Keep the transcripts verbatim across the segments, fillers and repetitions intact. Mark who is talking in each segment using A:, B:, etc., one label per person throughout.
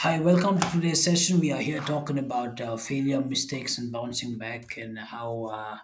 A: Hi, welcome to today's session. We are here talking about uh, failure, mistakes, and bouncing back, and how uh,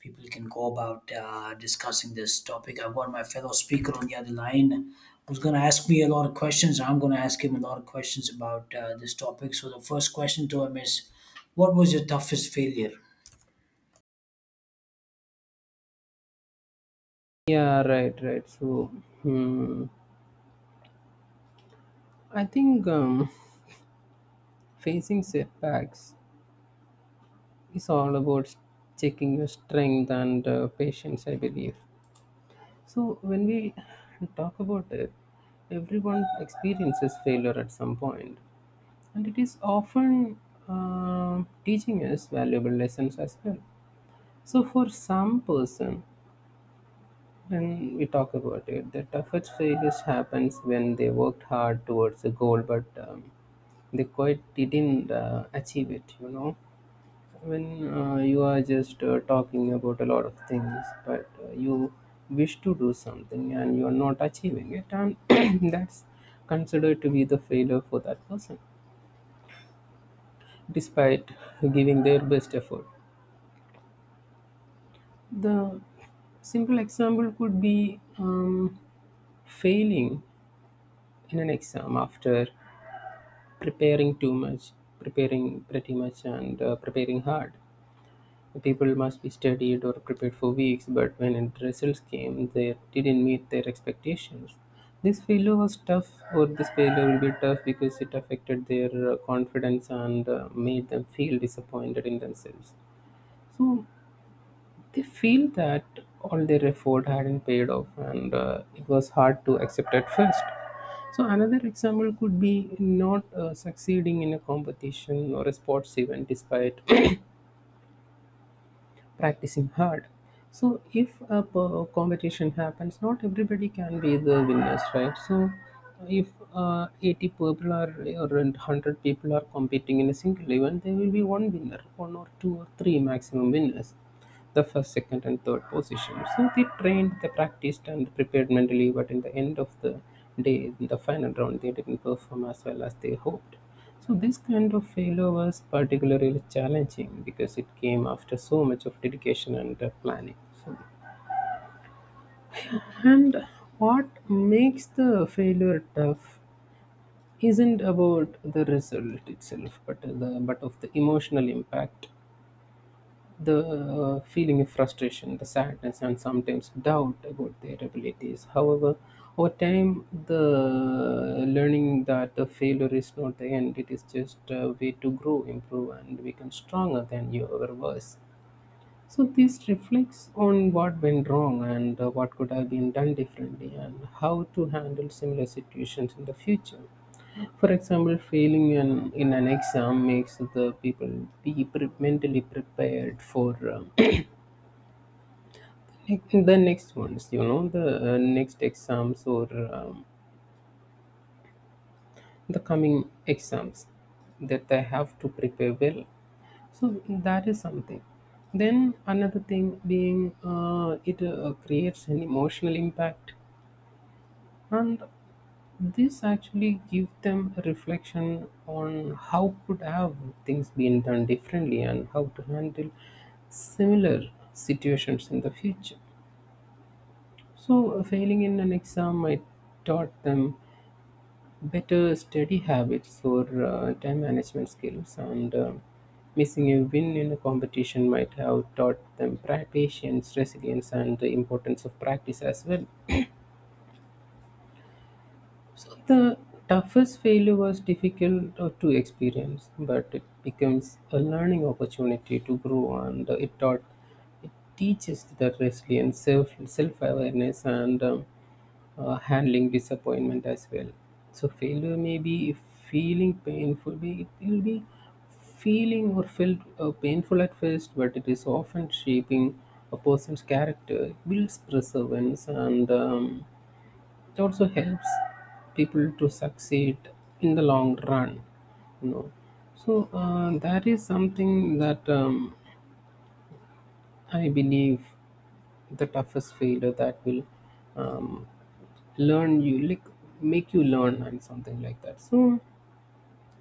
A: people can go about uh, discussing this topic. I've got my fellow speaker on the other line who's going to ask me a lot of questions. I'm going to ask him a lot of questions about uh, this topic. So, the first question to him is, what was your toughest failure?
B: Yeah, right, right. So, hmm, I think um, facing setbacks is all about checking your strength and uh, patience, I believe. So, when we talk about it, everyone experiences failure at some point, and it is often um teaching us valuable lessons as well. So, for some person, when we talk about it, the toughest failures happens when they worked hard towards a goal, but um, they quite didn't uh, achieve it you know when uh, you are just uh, talking about a lot of things but uh, you wish to do something and you are not achieving it and that's considered to be the failure for that person despite giving their best effort. The simple example could be um, failing in an exam after preparing too much, preparing pretty much, and uh, preparing hard. People must be studied or prepared for weeks, but when the results came, they didn't meet their expectations. This failure was tough, or this failure will be tough because it affected their uh, confidence and uh, made them feel disappointed in themselves. So they feel that all their effort hadn't paid off, and uh, it was hard to accept at first. So another example could be not uh, succeeding in a competition or a sports event despite practicing hard. So if a p- competition happens, not everybody can be the winners, right? So if uh, eighty people are, or one hundred people are competing in a single event, there will be one winner, one or two or three maximum winners, the first, second, and third position. So they trained, they practiced, and prepared mentally, but in the end of the day, in the final round, they didn't perform as well as they hoped. So this kind of failure was particularly challenging because it came after so much of dedication and uh, planning. So, and what makes the failure tough isn't about the result itself, but the but of the emotional impact. The uh, feeling of frustration, the sadness, and sometimes doubt about their abilities. However, over time, the learning that the failure is not the end, it is just a way to grow, improve, and become stronger than you ever was. So this reflects on what went wrong and uh, what could have been done differently and how to handle similar situations in the future. For example, failing an, in an exam makes the people be pre- mentally prepared for um, the next ones, you know, the uh, next exams, or um, the coming exams, that they have to prepare well. So that is something. Then another thing being uh, it uh, creates an emotional impact, and this actually give them a reflection on how could have things been done differently and how to handle similar situations in the future. So failing in an exam might taught them better study habits for uh, time management skills, and uh, missing a win in a competition might have taught them pra- patience, resilience, and the importance of practice as well. So the toughest failure was difficult uh, to experience, but it becomes a learning opportunity to grow, and uh, it taught, it teaches the resilience, self self awareness, and um, uh, handling disappointment as well. So failure may be feeling painful, be- it will be feeling or felt uh, painful at first, but it is often shaping a person's character. It builds perseverance, and um, it also helps people to succeed in the long run. You know, so uh, that is something that um, I believe the toughest failure that will um, learn you, like, make you learn and something like that. So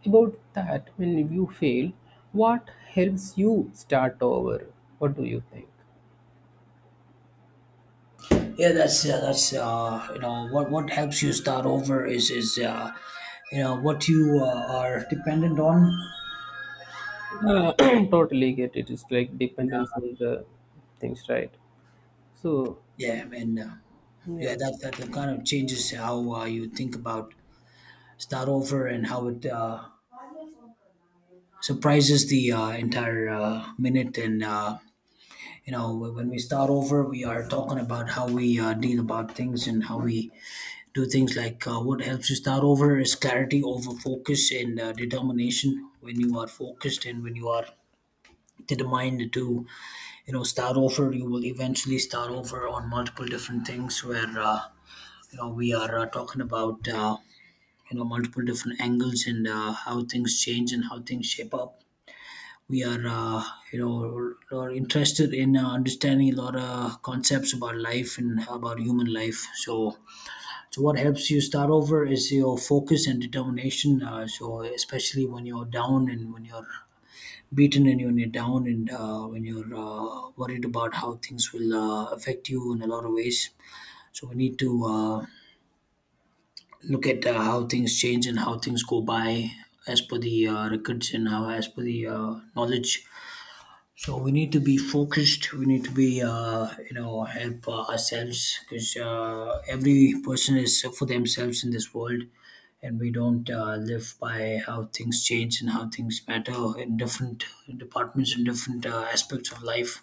B: about that, when you fail, what helps you start over? What do you think?
A: Yeah, that's uh, that's uh, you know what what helps you start over is is uh, you know what you uh, are dependent on.
B: Uh, totally get it. It's like dependence on the things, right? So,
A: Yeah, I mean, uh, yeah,
B: yeah.
A: that, that that kind of changes how uh, you think about start over and how it uh, surprises the uh, entire uh, minute. And uh, you know, wh- when we start over, we are talking about how we uh, deal about things and how we do things. Like uh, what helps you start over is clarity over focus and uh, determination. When you are focused and when you are determined to you know start over, you will eventually start over on multiple different things where. Uh, you know we are uh, talking about uh, you know multiple different angles and uh, how things change and how things shape up, we are uh, you know are interested in uh, understanding a lot of concepts about life and about human life. So so what helps you start over is your focus and determination, uh, so especially when you're down and when you're beaten and when you're down and uh, when you're uh, worried about how things will uh, affect you in a lot of ways. So we need to uh, look at uh, how things change and how things go by as per the uh, records and how as per the uh, knowledge. So we need to be focused, we need to be uh, you know help uh, ourselves, because uh, every person is for themselves in this world, and we don't uh, live by how things change and how things matter in different departments and different uh, aspects of life.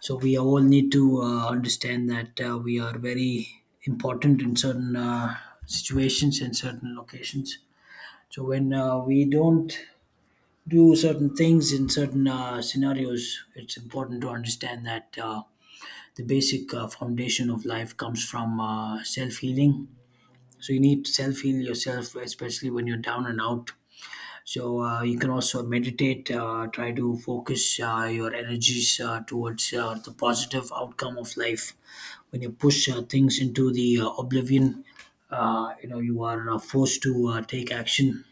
A: So we all need to uh, understand that uh, we are very important in certain uh, situations and certain locations. So when uh, we don't do certain things in certain uh, scenarios, it's important to understand that uh, the basic uh, foundation of life comes from uh, self healing. So you need to self heal yourself, especially when you're down and out. So uh, you can also meditate, uh, try to focus uh, your energies uh, towards uh, the positive outcome of life. When you push uh, things into the uh, oblivion, uh, you know you are uh, forced to uh, take action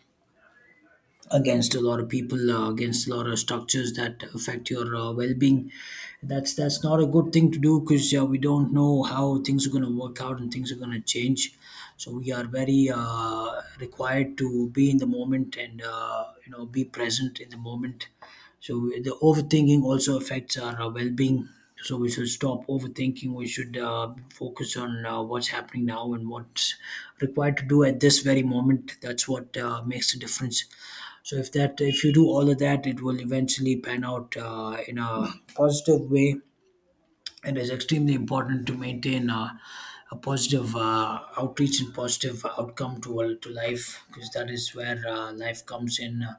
A: against a lot of people, uh, against a lot of structures that affect your uh, well-being. That's that's not a good thing to do, because uh, we don't know how things are going to work out and things are going to change. So we are very uh, required to be in the moment and uh, you know be present in the moment. So the overthinking also affects our uh, well-being. So we should stop overthinking, we should uh, focus on uh, what's happening now and what's required to do at this very moment. That's what uh, makes the difference. So if that if you do all of that, it will eventually pan out uh, in a positive way. It is extremely important to maintain uh, a positive uh, outreach and positive outcome to uh, to life, because that is where uh, life comes in. Uh,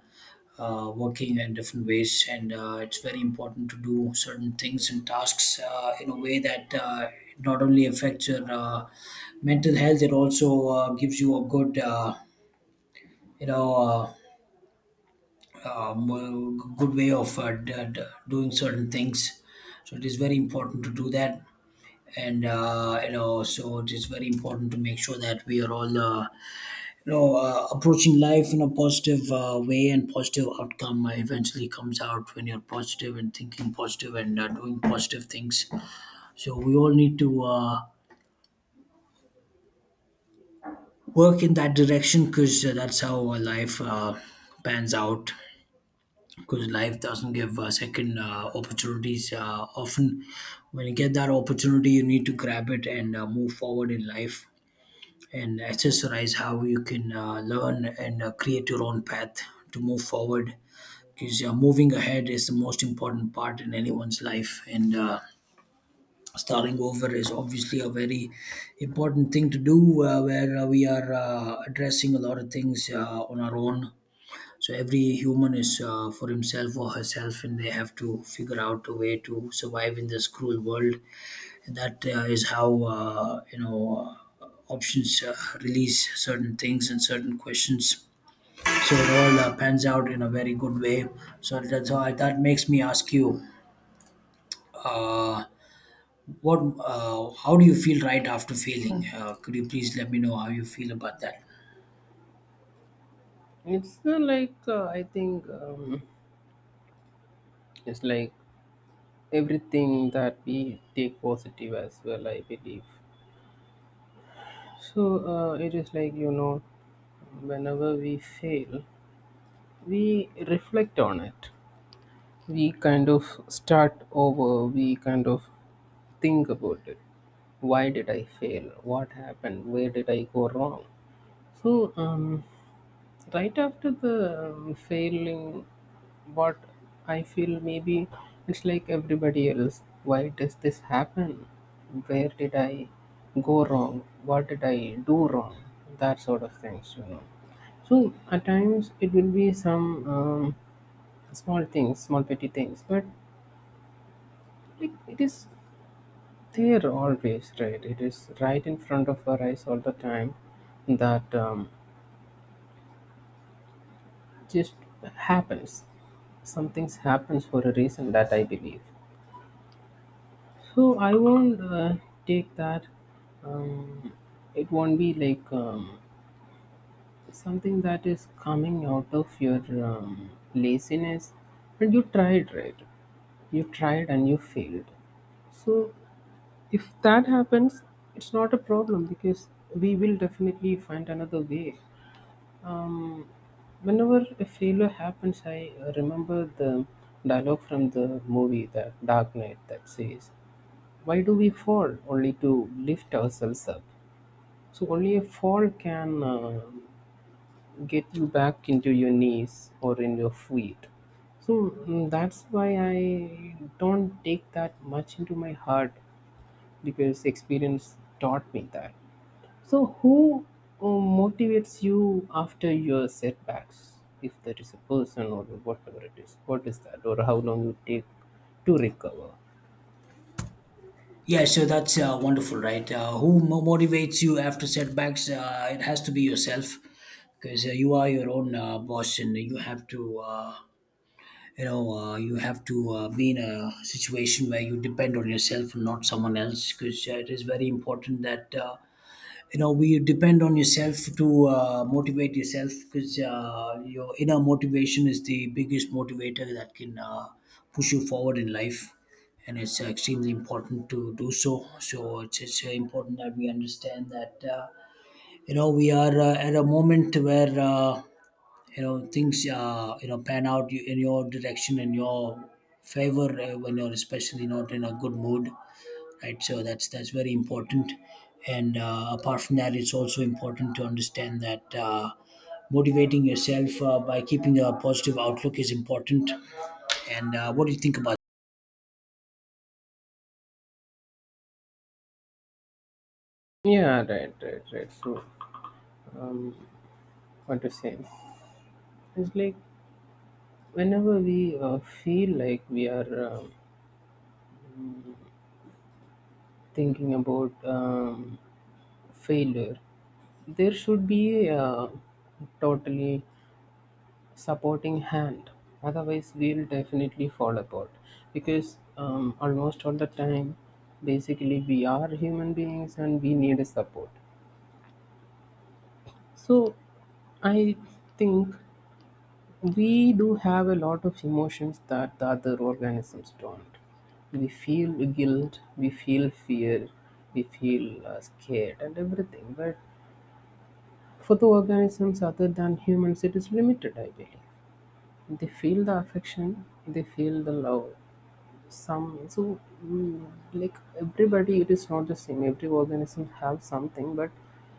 A: uh, working in different ways, and uh, it's very important to do certain things and tasks uh, in a way that uh, not only affects your uh, mental health, it also uh, gives you a good, uh, you know, uh, um, uh, good way of uh, d- d- doing certain things. So it is very important to do that, and uh, you know, so it is very important to make sure that we are all, uh, you know, uh, approaching life in a positive uh, way, and positive outcome uh, eventually comes out when you're positive and thinking positive and uh, doing positive things. So we all need to uh, work in that direction, because uh, that's how our life uh, pans out. Because life doesn't give uh, second uh, opportunities uh, often. When you get that opportunity, you need to grab it and uh, move forward in life, and accessorize how you can uh, learn and uh, create your own path to move forward. Because uh, moving ahead is the most important part in anyone's life, and uh, starting over is obviously a very important thing to do, uh, where uh, we are uh, addressing a lot of things uh, on our own. So every human is uh, for himself or herself, and they have to figure out a way to survive in this cruel world. And that uh, is how uh, you know uh, options uh, release certain things and certain questions. So it all uh, pans out in a very good way. So that's how that makes me ask you, uh, what uh, how do you feel right after failing? Uh, could you please let me know how you feel about that?
B: It's not like uh, I think, um, it's like everything that we take positive as well, I believe so. Uh, it is like, you know, whenever we fail, we reflect on it. We kind of start over. We kind of think about it. Why did I fail? What happened? Where did I go wrong? So, um, right after the um, failing, what I feel maybe, it's like everybody else. Why does this happen? Where did I go wrong? What did I do wrong? That sort of things, you know. So at times it will be some um, small things, small petty things, but like it is there always, right? It is right in front of our eyes all the time that um, just happens. Something happens for a reason, that I believe. So I won't uh, take that. Um, it won't be like um, something that is coming out of your um, laziness. But you tried, right? You tried and you failed. So if that happens, it's not a problem because we will definitely find another way. Um, Whenever a failure happens, I uh, remember the dialogue from the movie The Dark Knight that says, "Why do we fall? Only to lift ourselves up." So, only a fall can uh, get you back into your knees or in your feet. So, mm, that's why I don't take that much into my heart because experience taught me that. So, who uh, motivates you after your setbacks? If there is a person or whatever it is, what is that, or how long you take to recover?
A: Yeah, so that's uh, wonderful, right? Uh, who mo- motivates you after setbacks? Uh, it has to be yourself, because uh, you are your own uh, boss, and you have to, uh, you know, uh, you have to uh, be in a situation where you depend on yourself and not someone else. Because uh, it is very important that uh, you know we depend on yourself to uh, motivate yourself, because uh, your inner motivation is the biggest motivator that can uh, push you forward in life. And it's uh, extremely important to do so. So it's, it's very important that we understand that uh, you know we are uh, at a moment where uh, you know things uh, you know pan out in your direction in your favor, uh, when you're especially not in a good mood, right? So that's that's very important. And uh, apart from that, it's also important to understand that uh, motivating yourself uh, by keeping a positive outlook is important. And uh, what do you think about?
B: Yeah, right, right, right. So, um, what to say? It's like whenever we uh, feel like we are um thinking about um, failure, there should be a totally supporting hand, otherwise we'll definitely fall apart, because um, almost all the time, basically we are human beings and we need a support. So I think we do have a lot of emotions that the other organisms don't. We feel guilt, we feel fear, we feel uh, scared and everything, but for the organisms other than humans, it is limited, I believe. They feel the affection, they feel the love, some. So, mm, like, everybody, it is not the same. Every organism have something, but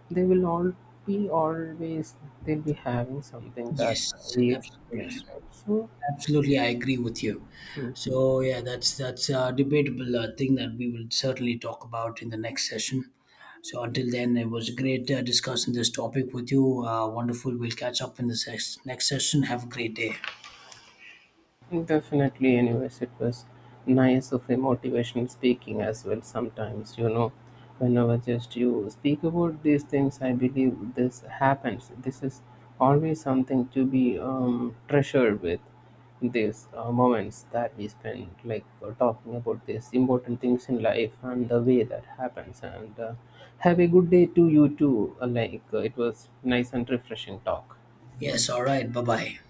B: they will all be always, they'll be having something that
A: Yes,
B: we
A: absolutely.
B: experience, right? So
A: Absolutely, I agree with you.
B: hmm.
A: So yeah, that's that's a debatable uh, thing that we will certainly talk about in the next session. So until then, it was great uh, discussing this topic with you. Uh, wonderful, we'll catch up in the ses- next session. Have a great day.
B: Oh, definitely. Anyways, it was nice of a motivation speaking as well. Sometimes, you know, whenever just you speak about these things, I believe this happens. This is always something to be um, treasured with these uh, moments that we spend, like uh, talking about these important things in life and the way that happens. And uh, have a good day to you too. Uh, Like, uh, it was nice and refreshing talk.
A: Yes, all right, bye bye.